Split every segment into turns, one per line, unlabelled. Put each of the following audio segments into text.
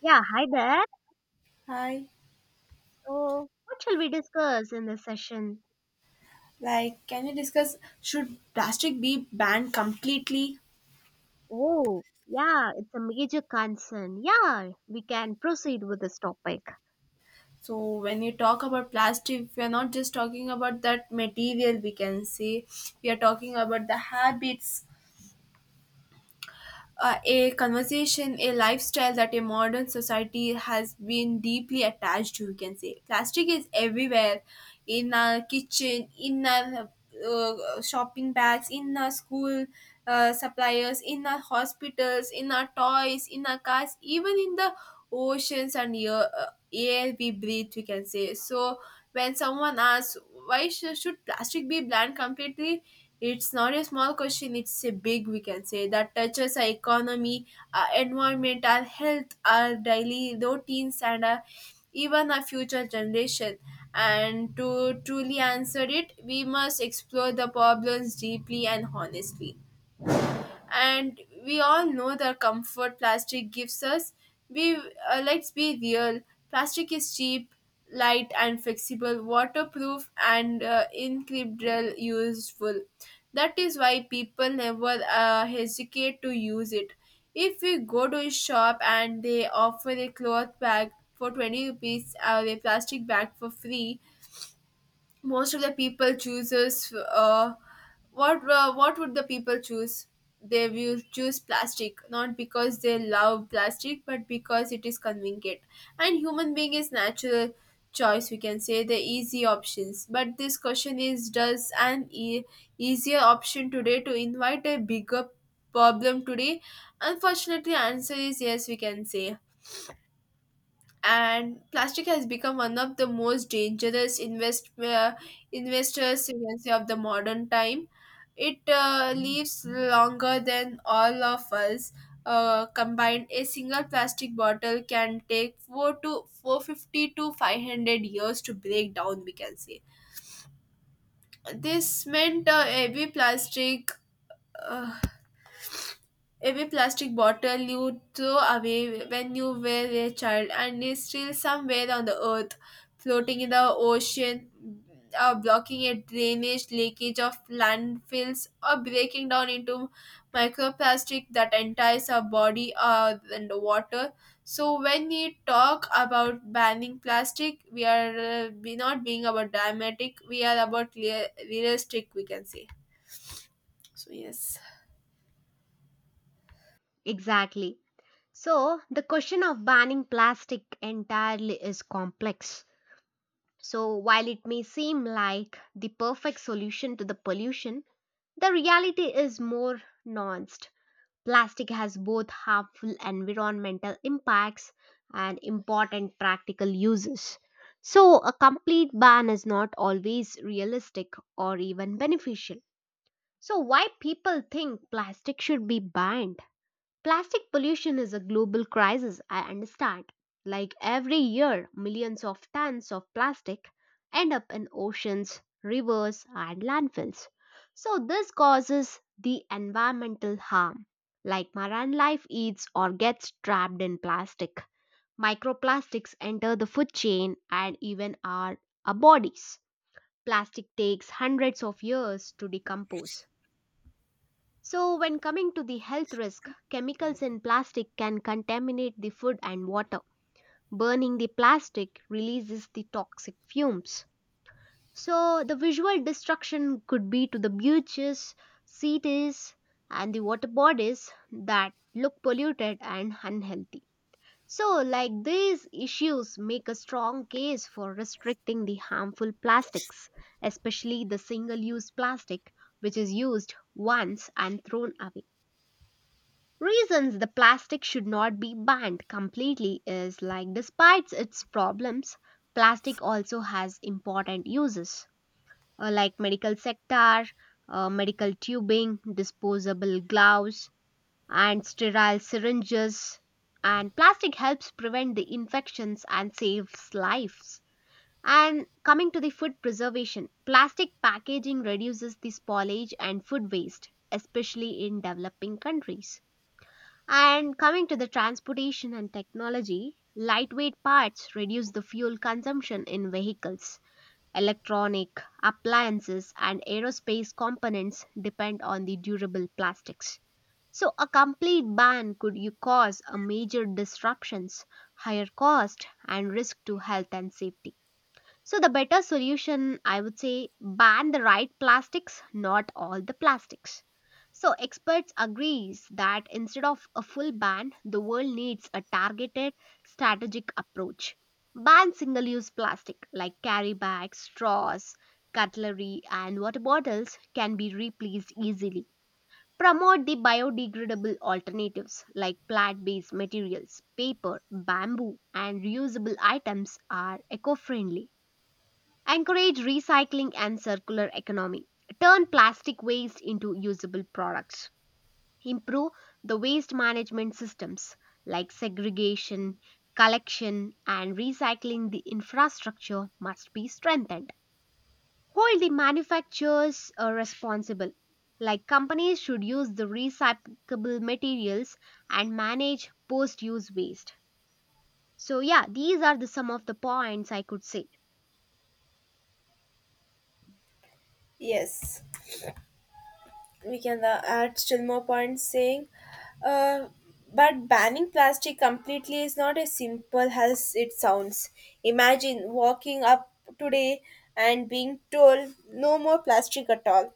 Yeah, hi there.
Hi.
So, what shall we discuss in this session?
Like, can you discuss should plastic be banned completely?
Oh, yeah, it's a major concern. Yeah, we can proceed with this topic.
So, when you talk about plastic, we are not just talking about that material, we can say, we are talking about the habits a conversation, a lifestyle that a modern society has been deeply attached to, you can say. Plastic is everywhere in our kitchen, in our shopping bags, in our school suppliers, in our hospitals, in our toys, in our cars, even in the oceans and air, air we breathe, we can say. So, when someone asks, why should plastic be banned completely? It's not a small question, it's a big, we can say, that touches our economy, our environment, our health, our daily routines, and our, even our future generation. And to truly answer it, we must explore the problems deeply and honestly, and we all know the comfort plastic gives us. We let's be real, plastic is cheap, light and flexible, waterproof and incredible useful. That is why people never hesitate to use it. If we go to a shop and they offer a cloth bag for 20 rupees or a plastic bag for free, most of the people chooses what would the people choose? They will choose plastic, not because they love plastic but because it is convenient. And human being is natural choice, we can say, the easy options. But this question is, does an easier option today to invite a bigger problem today? Unfortunately answer is yes, we can say. And plastic has become one of the most dangerous investors, you can say, of the modern time. It lives longer than all of us combined. A single plastic bottle can take 4 to 450 to 500 years to break down, we can say. This meant uh, Every plastic bottle you throw away when you were a child and is still somewhere on the earth, floating in the ocean, or blocking a drainage leakage of landfills, or breaking down into microplastic that enters our body or and water. So when we talk about banning plastic, we are be not being about dramatic. We are about realistic, we can say. So yes.
Exactly. So, the question of banning plastic entirely is complex. So, while it may seem like the perfect solution to the pollution, the reality is more nuanced. Plastic has both harmful environmental impacts and important practical uses. So, a complete ban is not always realistic or even beneficial. So, why people think plastic should be banned? Plastic pollution is a global crisis, I understand. Like every year, millions of tons of plastic end up in oceans, rivers, and landfills. So, this causes the environmental harm. Like marine life eats or gets trapped in plastic. Microplastics enter the food chain and even our bodies. Plastic takes hundreds of years to decompose, so when coming to the health risk, chemicals in plastic can contaminate the food and water. Burning the plastic releases the toxic fumes. So, the visual destruction could be to the beaches, cities, and the water bodies that look polluted and unhealthy. So, like these issues make a strong case for restricting the harmful plastics, especially the single use plastic which is used once and thrown away. Reasons the plastic should not be banned completely is like despite its problems, plastic also has important uses, like medical sector, medical tubing, disposable gloves and sterile syringes, and plastic helps prevent the infections and saves lives. And coming to the food preservation, plastic packaging reduces the spoilage and food waste, especially in developing countries, and coming to the transportation and technology, lightweight parts reduce the fuel consumption in vehicles. Electronic, appliances, and aerospace components depend on the durable plastics. So, a complete ban could you cause a major disruptions, higher cost, and risk to health and safety. So the better solution, I would say, ban the right plastics, not all the plastics. So experts agrees that instead of a full ban, the world needs a targeted strategic approach. Ban single-use plastic like carry bags, straws, cutlery and water bottles can be replaced easily. Promote the biodegradable alternatives like plant-based materials, paper, bamboo and reusable items are eco-friendly. Encourage recycling and circular economy. Turn plastic waste into usable products. Improve the waste management systems like segregation, collection, and recycling. The infrastructure must be strengthened. Hold the manufacturers responsible. Like companies should use the recyclable materials and manage post use waste. So, yeah, these are the some of the points I could say.
Yes, we can add still more points saying, uh, but banning plastic completely is not as simple as it sounds. Imagine walking up today and being told no more plastic at all.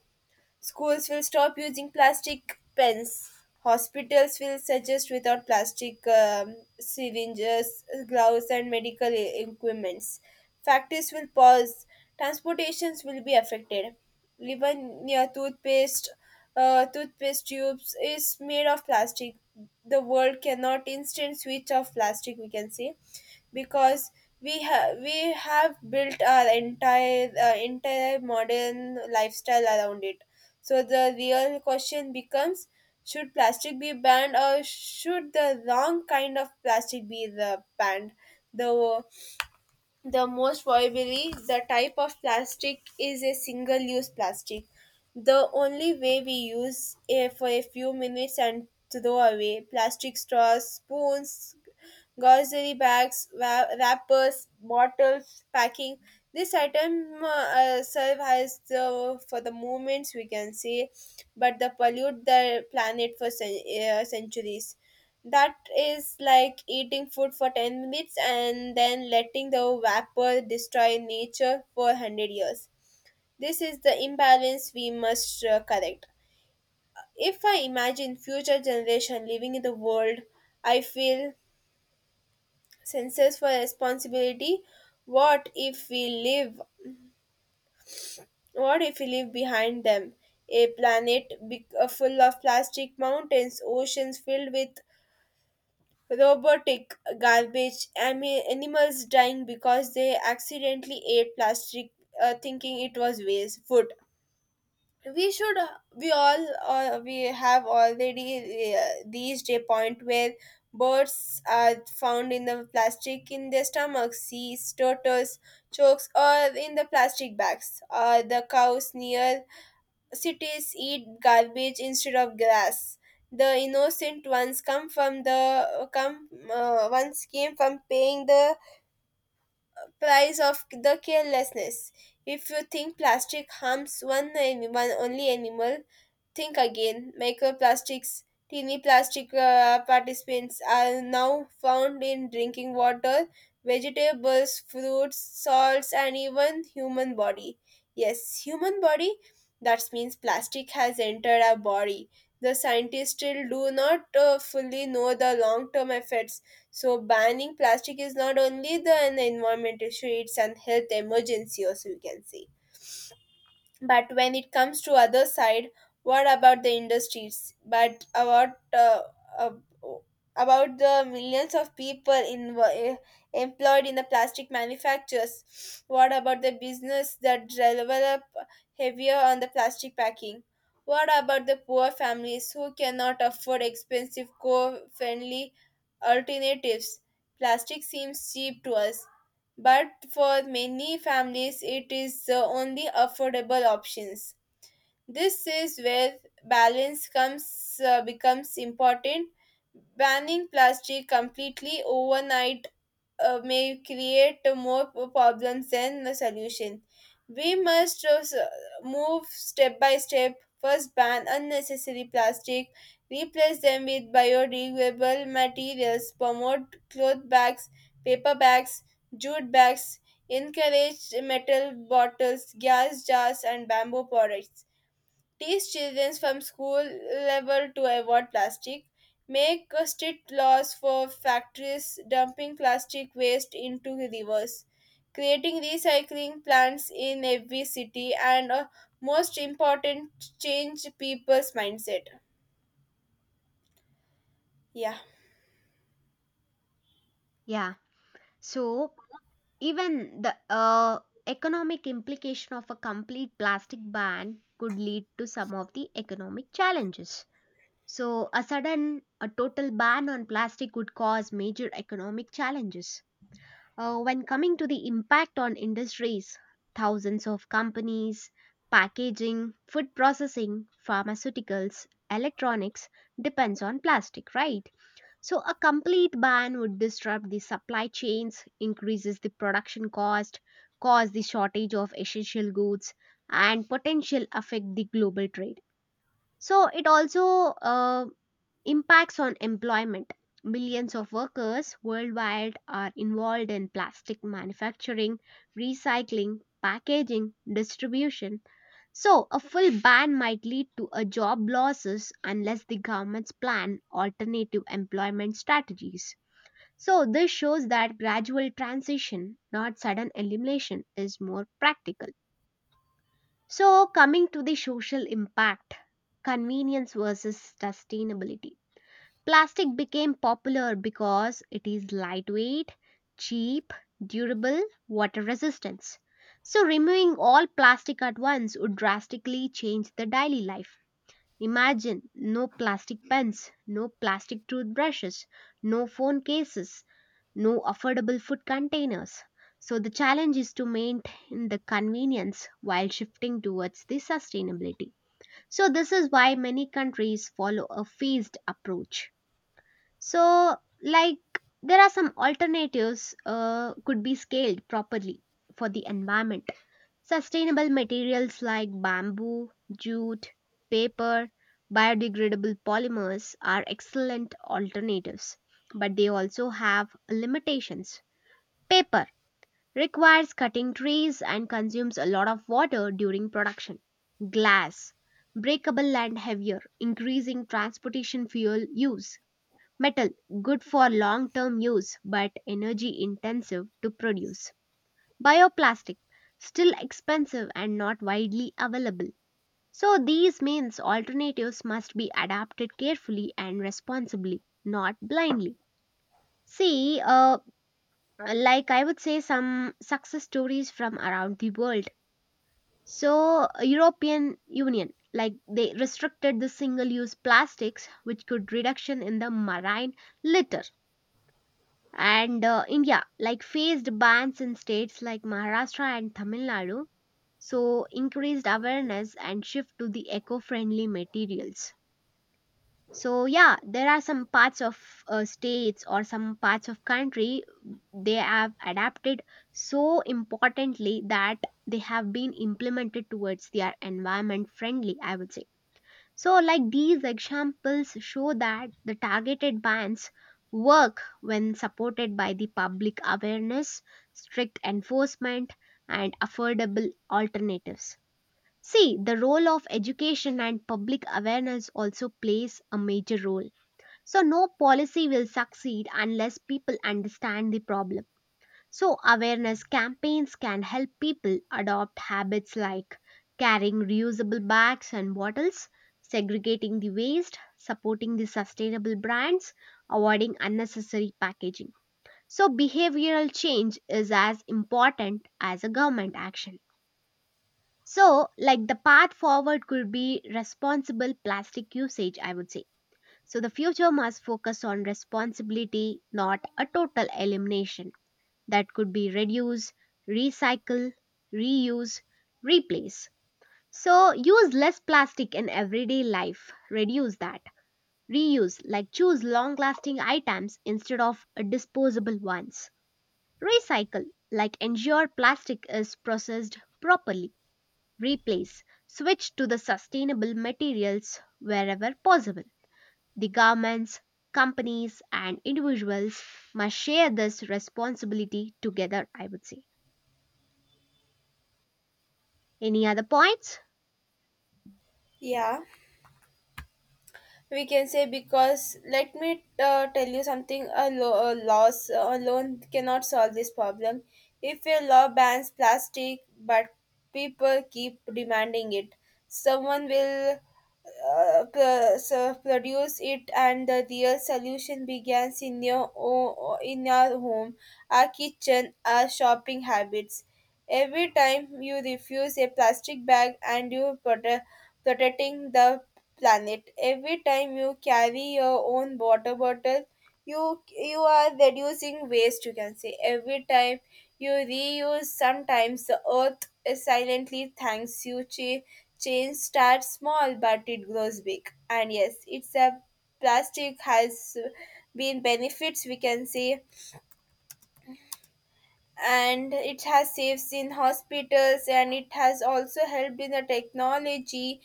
Schools will stop using plastic pens. Hospitals will suggest without plastic syringes, gloves, and medical equipments. Factories will pause. Transportations will be affected. Even yeah, toothpaste, toothpaste tubes is made of plastic. The world cannot instant switch off plastic, we can say, because we have built our entire entire modern lifestyle around it. So the real question becomes, should plastic be banned or should the wrong kind of plastic be the banned? The the most probably the type of plastic is a single use plastic, the only way we use it for a few minutes and throw away. Plastic straws, spoons, grocery bags, wrappers, bottles, packing. This item serve as the, for the moments, we can say, but they pollute the planet for centuries. That is like eating food for 10 minutes and then letting the vapor destroy nature for 100 years. This is the imbalance we must correct. If I imagine future generation living in the world, I feel senses for responsibility. What if we live? What if we leave behind them a planet full of plastic mountains, oceans filled with robotic garbage, animals dying because they accidentally ate plastic, thinking it was waste food? We should we all we have already reached a point where birds are found in the plastic in their stomachs, seas turtles chokes or in the plastic bags, the cows near cities eat garbage instead of grass. The innocent ones come from the come once came from paying the price of the carelessness. If you think plastic harms one, one only animal, think again. Microplastics, teeny plastic participants are now found in drinking water, vegetables, fruits, salts, and even human body. Yes, human body. That means plastic has entered our body. The scientists still do not fully know the long term effects. So banning plastic is not only the an environmental issue; it's an health emergency, also we can say. But when it comes to other side, what about the industries, but uh, about the millions of people in employed in the plastic manufacturers? What about the business that develop heavier on the plastic packing? What about the poor families who cannot afford expensive co-friendly alternatives? Plastic seems cheap to us, but for many families it is the only affordable options. This is where balance comes becomes important. Banning plastic completely overnight may create more problems than the solution. We must just, move step by step. First, ban unnecessary plastic, replace them with biodegradable materials, promote cloth bags, paper bags, jute bags, encourage metal bottles, gas jars, and bamboo products. Teach children from school level to avoid plastic. Make strict laws for factories dumping plastic waste into rivers. Creating recycling plants in every city, and most important, change people's mindset. Yeah.
Yeah. So, even the economic implication of a complete plastic ban could lead to some of the economic challenges. So, a sudden, a total ban on plastic would cause major economic challenges. When coming to the impact on industries, thousands of companies, packaging, food processing, pharmaceuticals, electronics depends on plastic, right? So, a complete ban would disrupt the supply chains, increases the production cost, cause the shortage of essential goods, and potential affect the global trade. So, it also uh, impacts on employment. Millions of workers worldwide are involved in plastic manufacturing, recycling, packaging, distribution. So, a full ban might lead to a job losses unless the governments plan alternative employment strategies. So, this shows that gradual transition, not sudden elimination, is more practical. So, coming to the social impact, convenience versus sustainability. Plastic became popular because it is lightweight, cheap, durable, water resistance. So, removing all plastic at once would drastically change the daily life. Imagine no plastic pens, no plastic toothbrushes, no phone cases, no affordable food containers. So the challenge is to maintain the convenience while shifting towards the sustainability. So this is why many countries follow a phased approach. So, like there are some alternatives could be scaled properly for the environment. Sustainable materials like bamboo, jute, paper, biodegradable polymers are excellent alternatives, but they also have limitations. Paper requires cutting trees and consumes a lot of water during production. Glass, breakable and heavier, increasing transportation fuel use. Metal, good for long term use but energy intensive to produce. Bioplastic, still expensive and not widely available. So these means alternatives must be adapted carefully and responsibly, not blindly. See, like I would say some success stories from around the world. So, European Union, like they restricted the single-use plastics, which could reduction in the marine litter. And India, like faced bans in states like Maharashtra and Tamil Nadu. So, increased awareness and shift to the eco-friendly materials. So yeah, there are some parts of states or some parts of country, they have adapted so importantly that they have been implemented towards their environment friendly, I would say. So like these examples show that the targeted bans work when supported by the public awareness, strict enforcement, and affordable alternatives. See, the role of education and public awareness also plays a major role. So, no policy will succeed unless people understand the problem. So, awareness campaigns can help people adopt habits like carrying reusable bags and bottles, segregating the waste, supporting the sustainable brands, avoiding unnecessary packaging. So, behavioral change is as important as a government action. So, like the path forward could be responsible plastic usage, I would say. So the future must focus on responsibility, not a total elimination. That could be reduce, recycle, reuse, replace. So use less plastic in everyday life, reduce that. Reuse, like choose long lasting items instead of disposable ones. Recycle, like ensure plastic is processed properly. Replace, switch to the sustainable materials wherever possible. The governments, companies, and individuals must share this responsibility together, I would say. Any other points?
Yeah, we can say, because let me tell you something. A a laws alone cannot solve this problem. If a law bans plastic but people keep demanding it, someone will so produce it. And the real solution begins in your in your home, our kitchen, our shopping habits. Every time you refuse a plastic bag, and you protecting the planet. Every time you carry your own water bottle, you are reducing waste. You can say every time you reuse, sometimes the earth silently thanks you. Change starts small, but it grows big. And yes, it's a plastic has been benefits, we can say, and it has saved in hospitals, and it has also helped in the technology,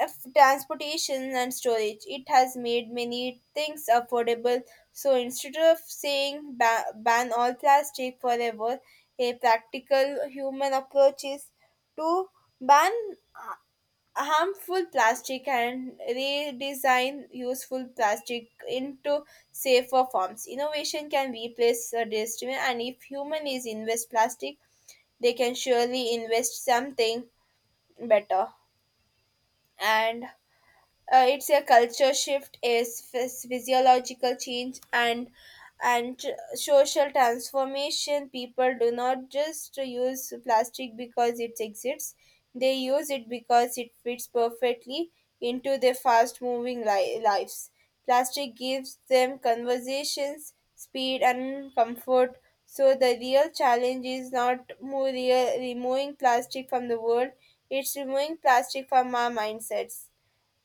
Transportation and storage. It has made many things affordable. So instead of saying ban all plastic forever, a practical human approach is to ban uh, harmful plastic and redesign useful plastic into safer forms. Innovation can replace a destiny, and if human is invest plastic, they can surely invest something better. And it's a culture shift is physiological change, and social transformation. People do not just use plastic because it exists, they use it because it fits perfectly into their fast moving lives. Plastic gives them conversations, speed and comfort. So the real challenge is not more real, removing plastic from the world, it's removing plastic from our mindsets,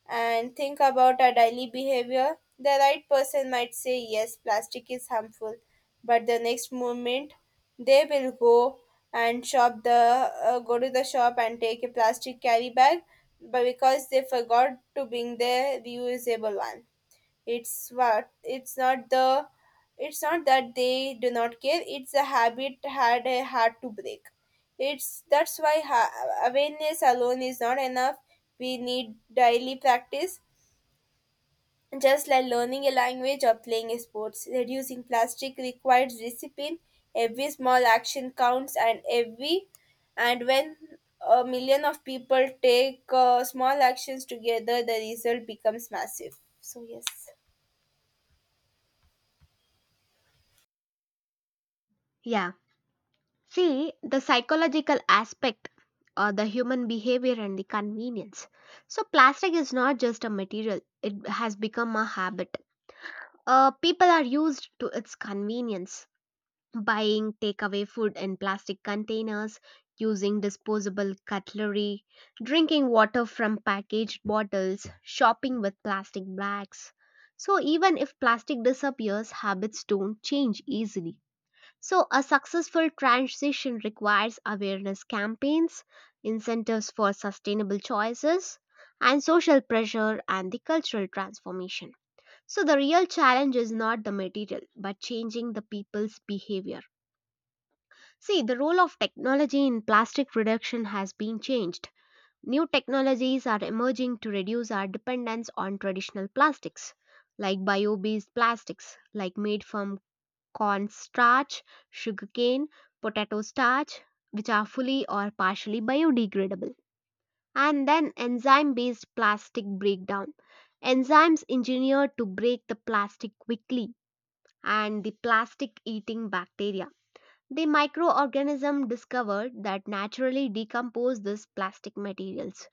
and think about our daily behavior. The right person might say, "Yes, plastic is harmful," but the next moment they will go and shop the go to the shop and take a plastic carry bag, but because they forgot to bring their reusable one. it's what it's not the it's not that they do not care. It's a habit had a hard to break. It's That's why awareness alone is not enough. We need daily practice, just like learning a language or playing a sports. Reducing plastic requires discipline. Every small action counts, and every, and when a million of people take small actions together, the result becomes massive. So yes.
Yeah. See, the psychological aspect or the human behavior and the convenience. So, plastic is not just a material, it has become a habit. People are used to its convenience. Buying takeaway food in plastic containers, using disposable cutlery, drinking water from packaged bottles, shopping with plastic bags. So, even if plastic disappears, habits don't change easily. So, a successful transition requires awareness campaigns, incentives for sustainable choices, and social pressure and the cultural transformation. So, the real challenge is not the material, but changing the people's behavior. See, the role of technology in plastic reduction has been changed. New technologies are emerging to reduce our dependence on traditional plastics, like bio based plastics, like made from corn starch, sugarcane, potato starch, which are fully or partially biodegradable. And then enzyme based plastic breakdown. Enzymes engineered to break the plastic quickly and the plastic eating bacteria, the microorganism discovered that naturally decompose these plastic materials.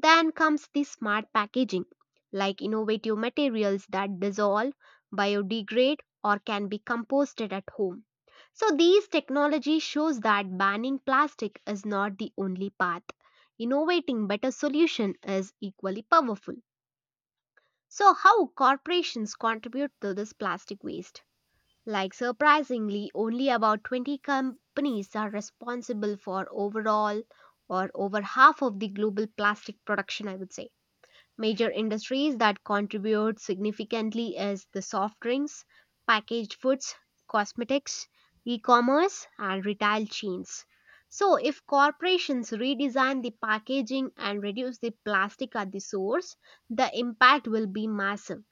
Then comes the smart packaging, like innovative materials that dissolve, biodegrade, or can be composted at home. So these technology shows that banning plastic is not the only path. Innovating better solution is equally powerful. So how corporations contribute to this plastic waste? Like surprisingly, only about 20 companies are responsible for overall or over half of the global plastic production, I would say. Major industries that contribute significantly is the soft drinks, packaged foods, cosmetics, e-commerce and retail chains. So if corporations redesign the packaging and reduce the plastic at the source, the impact will be massive.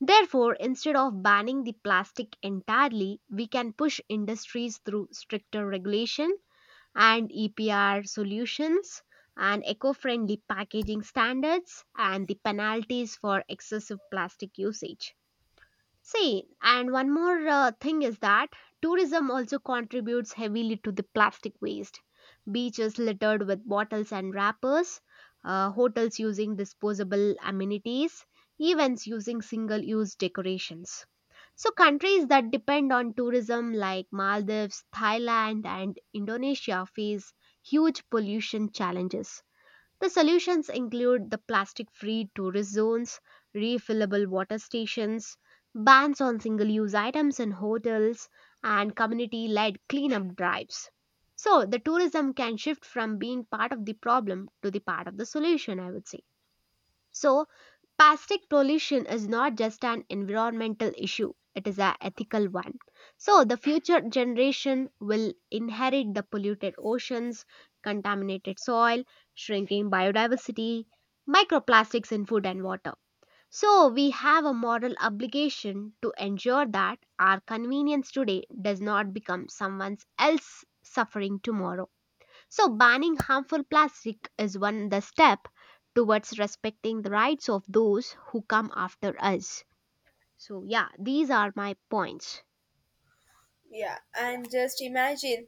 Therefore, instead of banning the plastic entirely, we can push industries through stricter regulation and EPR solutions and eco-friendly packaging standards and the penalties for excessive plastic usage. See, and one more thing is that tourism also contributes heavily to the plastic waste. Beaches littered with bottles and wrappers, hotels using disposable amenities, events using single use decorations. So, countries that depend on tourism like Maldives, Thailand, and Indonesia face huge pollution challenges. The solutions include the plastic free tourist zones, refillable water stations, bans on single use items in hotels, and community led cleanup drives. So, the tourism can shift from being part of the problem to the part of the solution, I would say. So, plastic pollution is not just an environmental issue, it is an ethical one. So, the future generation will inherit the polluted oceans, contaminated soil, shrinking biodiversity, microplastics in food and water. So, we have a moral obligation to ensure that our convenience today does not become someone else's suffering tomorrow. So, banning harmful plastic is one the step towards respecting the rights of those who come after us. So, yeah, these are my points.
Yeah, and just imagine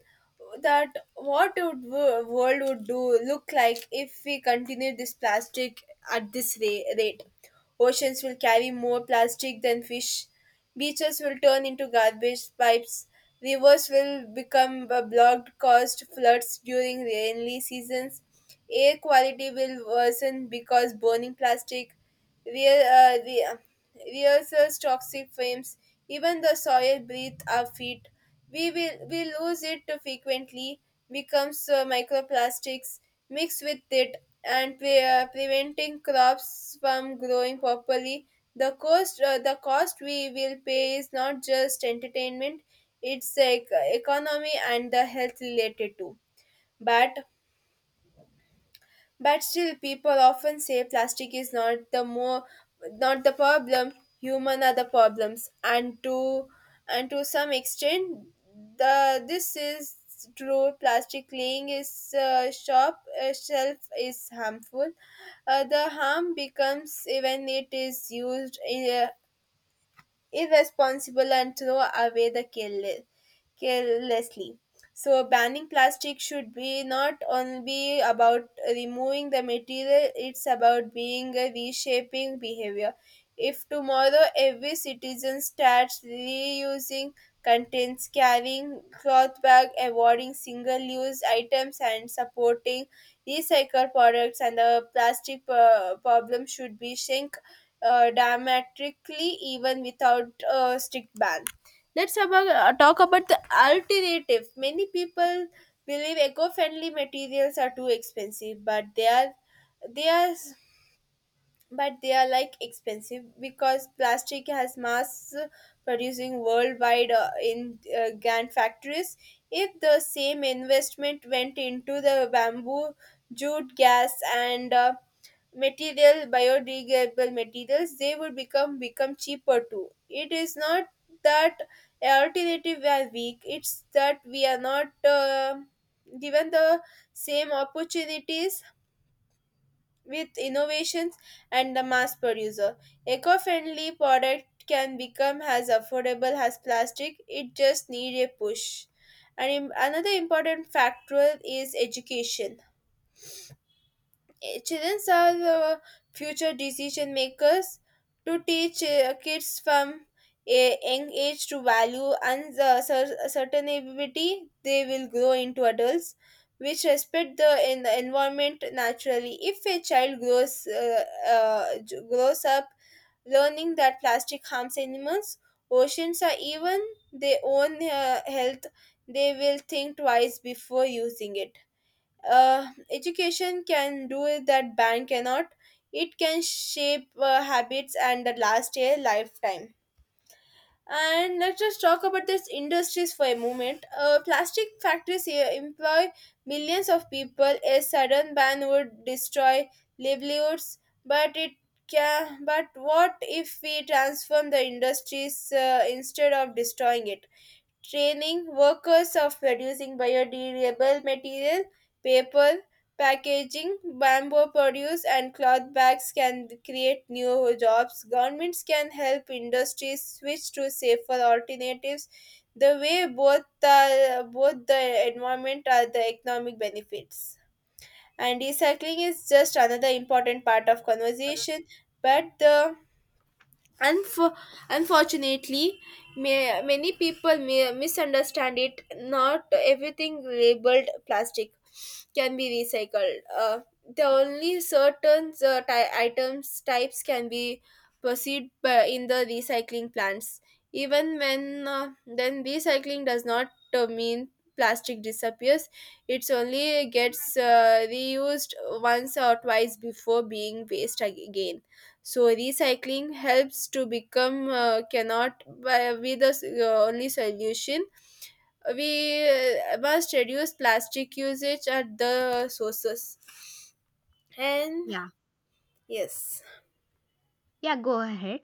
that what would world would do look like if we continue this plastic at this rate. Oceans will carry more plastic than fish. Beaches will turn into garbage pipes. Rivers will become a blocked, caused floods during rainy seasons. Air quality will worsen because burning plastic. Rear, rehearsals, toxic frames, even the soil beneath our feet. We will we lose it frequently, becomes microplastics mixed with it, and preventing crops from growing properly. The cost we will pay is not just entertainment; it's like economy and the health related too. But still, people often say plastic is not the more, not the problem. Human are the problems, and to, and to some extent, the this is true. Plastic laying is shop shelf is harmful. The harm becomes when it is used in irresponsible and throw away the careless, carelessly. So banning plastic should be not only be about removing the material, it's about being a reshaping behavior. If tomorrow every citizen starts reusing contents, carrying cloth bag, avoiding single-use items and supporting recycled products, and the plastic problem should be shrink dramatically even without a strict ban. Let's about, talk about the alternative. Many people believe eco-friendly materials are too expensive, but they are they are like expensive because plastic has mass producing worldwide in grand factories. If the same investment went into the bamboo, jute, gas, and material biodegradable materials, they would become cheaper too. It is not that alternative are weak, it's that we are not given the same opportunities with innovations, and the mass producer eco-friendly product can become as affordable as plastic. It just need a push. And another important factor is education. Children are the future decision makers. To teach kids from a young age to value and uncertainty, they will grow into adults which respect the environment naturally. If a child grows up learning that plastic harms animals, oceans, or even their own health, they will think twice before using it. Uh, education can do it that bank cannot. It can shape habits and that last a lifetime. And let's just talk about this industries for a moment. Uh, plastic factories here employ millions of people. A sudden ban would destroy livelihoods, but it can but what if we transform the industries instead of destroying it? Training workers of producing biodegradable material, paper, packaging, bamboo produce, and cloth bags can create new jobs. Governments can help industries switch to safer alternatives. The way both both the environment and the economic benefits. And recycling is just another important part of conversation, but Unf- unfortunately, many people may misunderstand it. Not everything labeled plastic can be recycled. The only certain items types can be proceed in the recycling plants. Even when then recycling does not mean plastic disappears. It's only gets reused once or twice before being waste again. So recycling helps to become cannot be the only solution. We must reduce plastic usage at the sources. And
Yeah,
yes.
yeah, go ahead.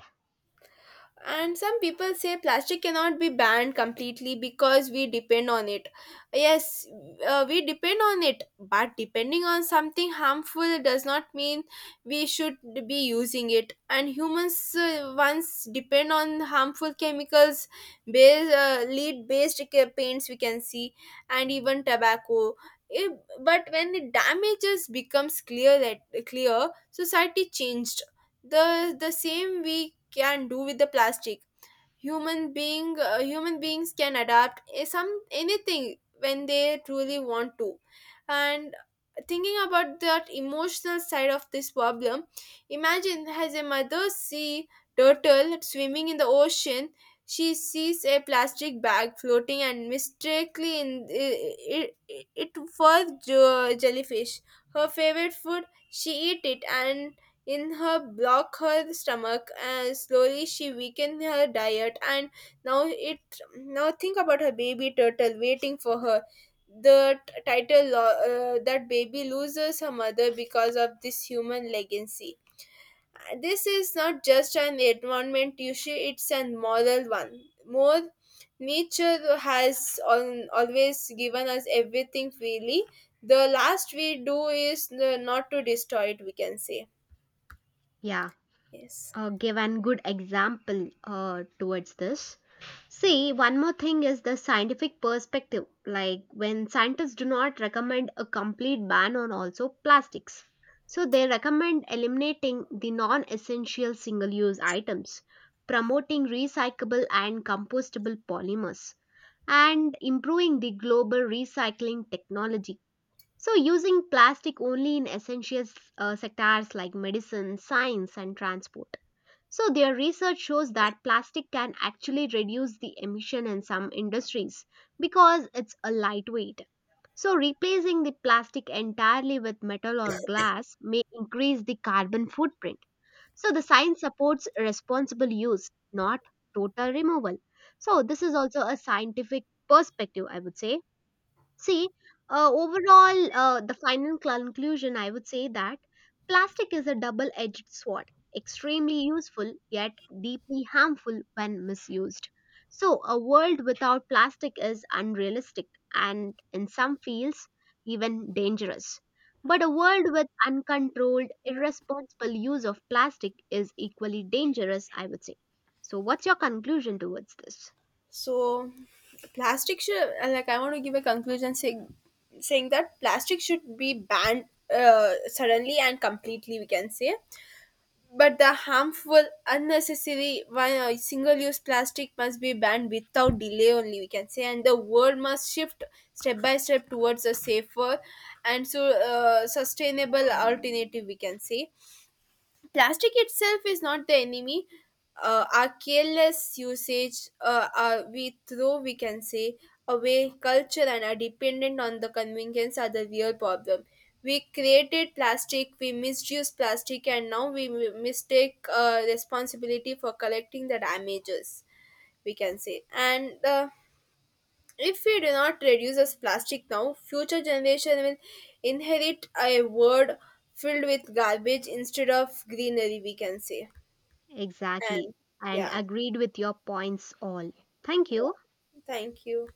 And some people say plastic cannot be banned completely because we depend on it. Yes, we depend on it, but depending on something harmful does not mean we should be using it. And humans once depend on harmful chemicals, lead based paints we can see, and even tobacco. If, but when the damages becomes clear, society changed. The same we can do with the plastic. Human beings can adapt a- some anything when they truly want to. And thinking about that emotional side of this problem, imagine as a mother see turtle swimming in the ocean. She sees a plastic bag floating and mistakenly it for jellyfish, her favorite food. She eat it and in her block her stomach, and slowly she weakened her diet. And now think about her baby turtle waiting for her. The t- title lo- uh, that baby loses her mother because of this human legacy. This is not just an environment issue, it's a moral one more Nature has always given us everything freely. The last we do is not to destroy it, we can say.
Yeah.
Yes.
Give an good example towards this. See, one more thing is the scientific perspective. Like when scientists do not recommend a complete ban on also plastics. So they recommend eliminating the non-essential single-use items, promoting recyclable and compostable polymers, and improving the global recycling technology. So using plastic only in essential sectors like medicine, science, and transport. So their research shows that plastic can actually reduce the emission in some industries because it's a lightweight. So replacing the plastic entirely with metal or glass may increase the carbon footprint. So the science supports responsible use, not total removal. So this is also a scientific perspective, I would say. See, overall, the final conclusion I would say that plastic is a double edged sword, extremely useful yet deeply harmful when misused. So, a world without plastic is unrealistic and, in some fields, even dangerous. But a world with uncontrolled, irresponsible use of plastic is equally dangerous, I would say. So, what's your conclusion towards this?
So, plastic should like I want to give a conclusion saying that plastic should be banned suddenly and completely, we can say, but the harmful, unnecessary, one single-use plastic must be banned without delay. Only we can say, and the world must shift step by step towards a safer and sustainable alternative, we can say. Plastic itself is not the enemy. Our careless usage, we can say, away culture and are dependent on the convenience are the real problem. We created plastic, we misused plastic, and now we mistake responsibility for collecting the damages, we can say. And if we do not reduce this plastic now, future generation will inherit a world filled with garbage instead of greenery, we can say.
Exactly.
And
And
yeah,
agreed with your points all. Thank
yeah.
you.
Thank you.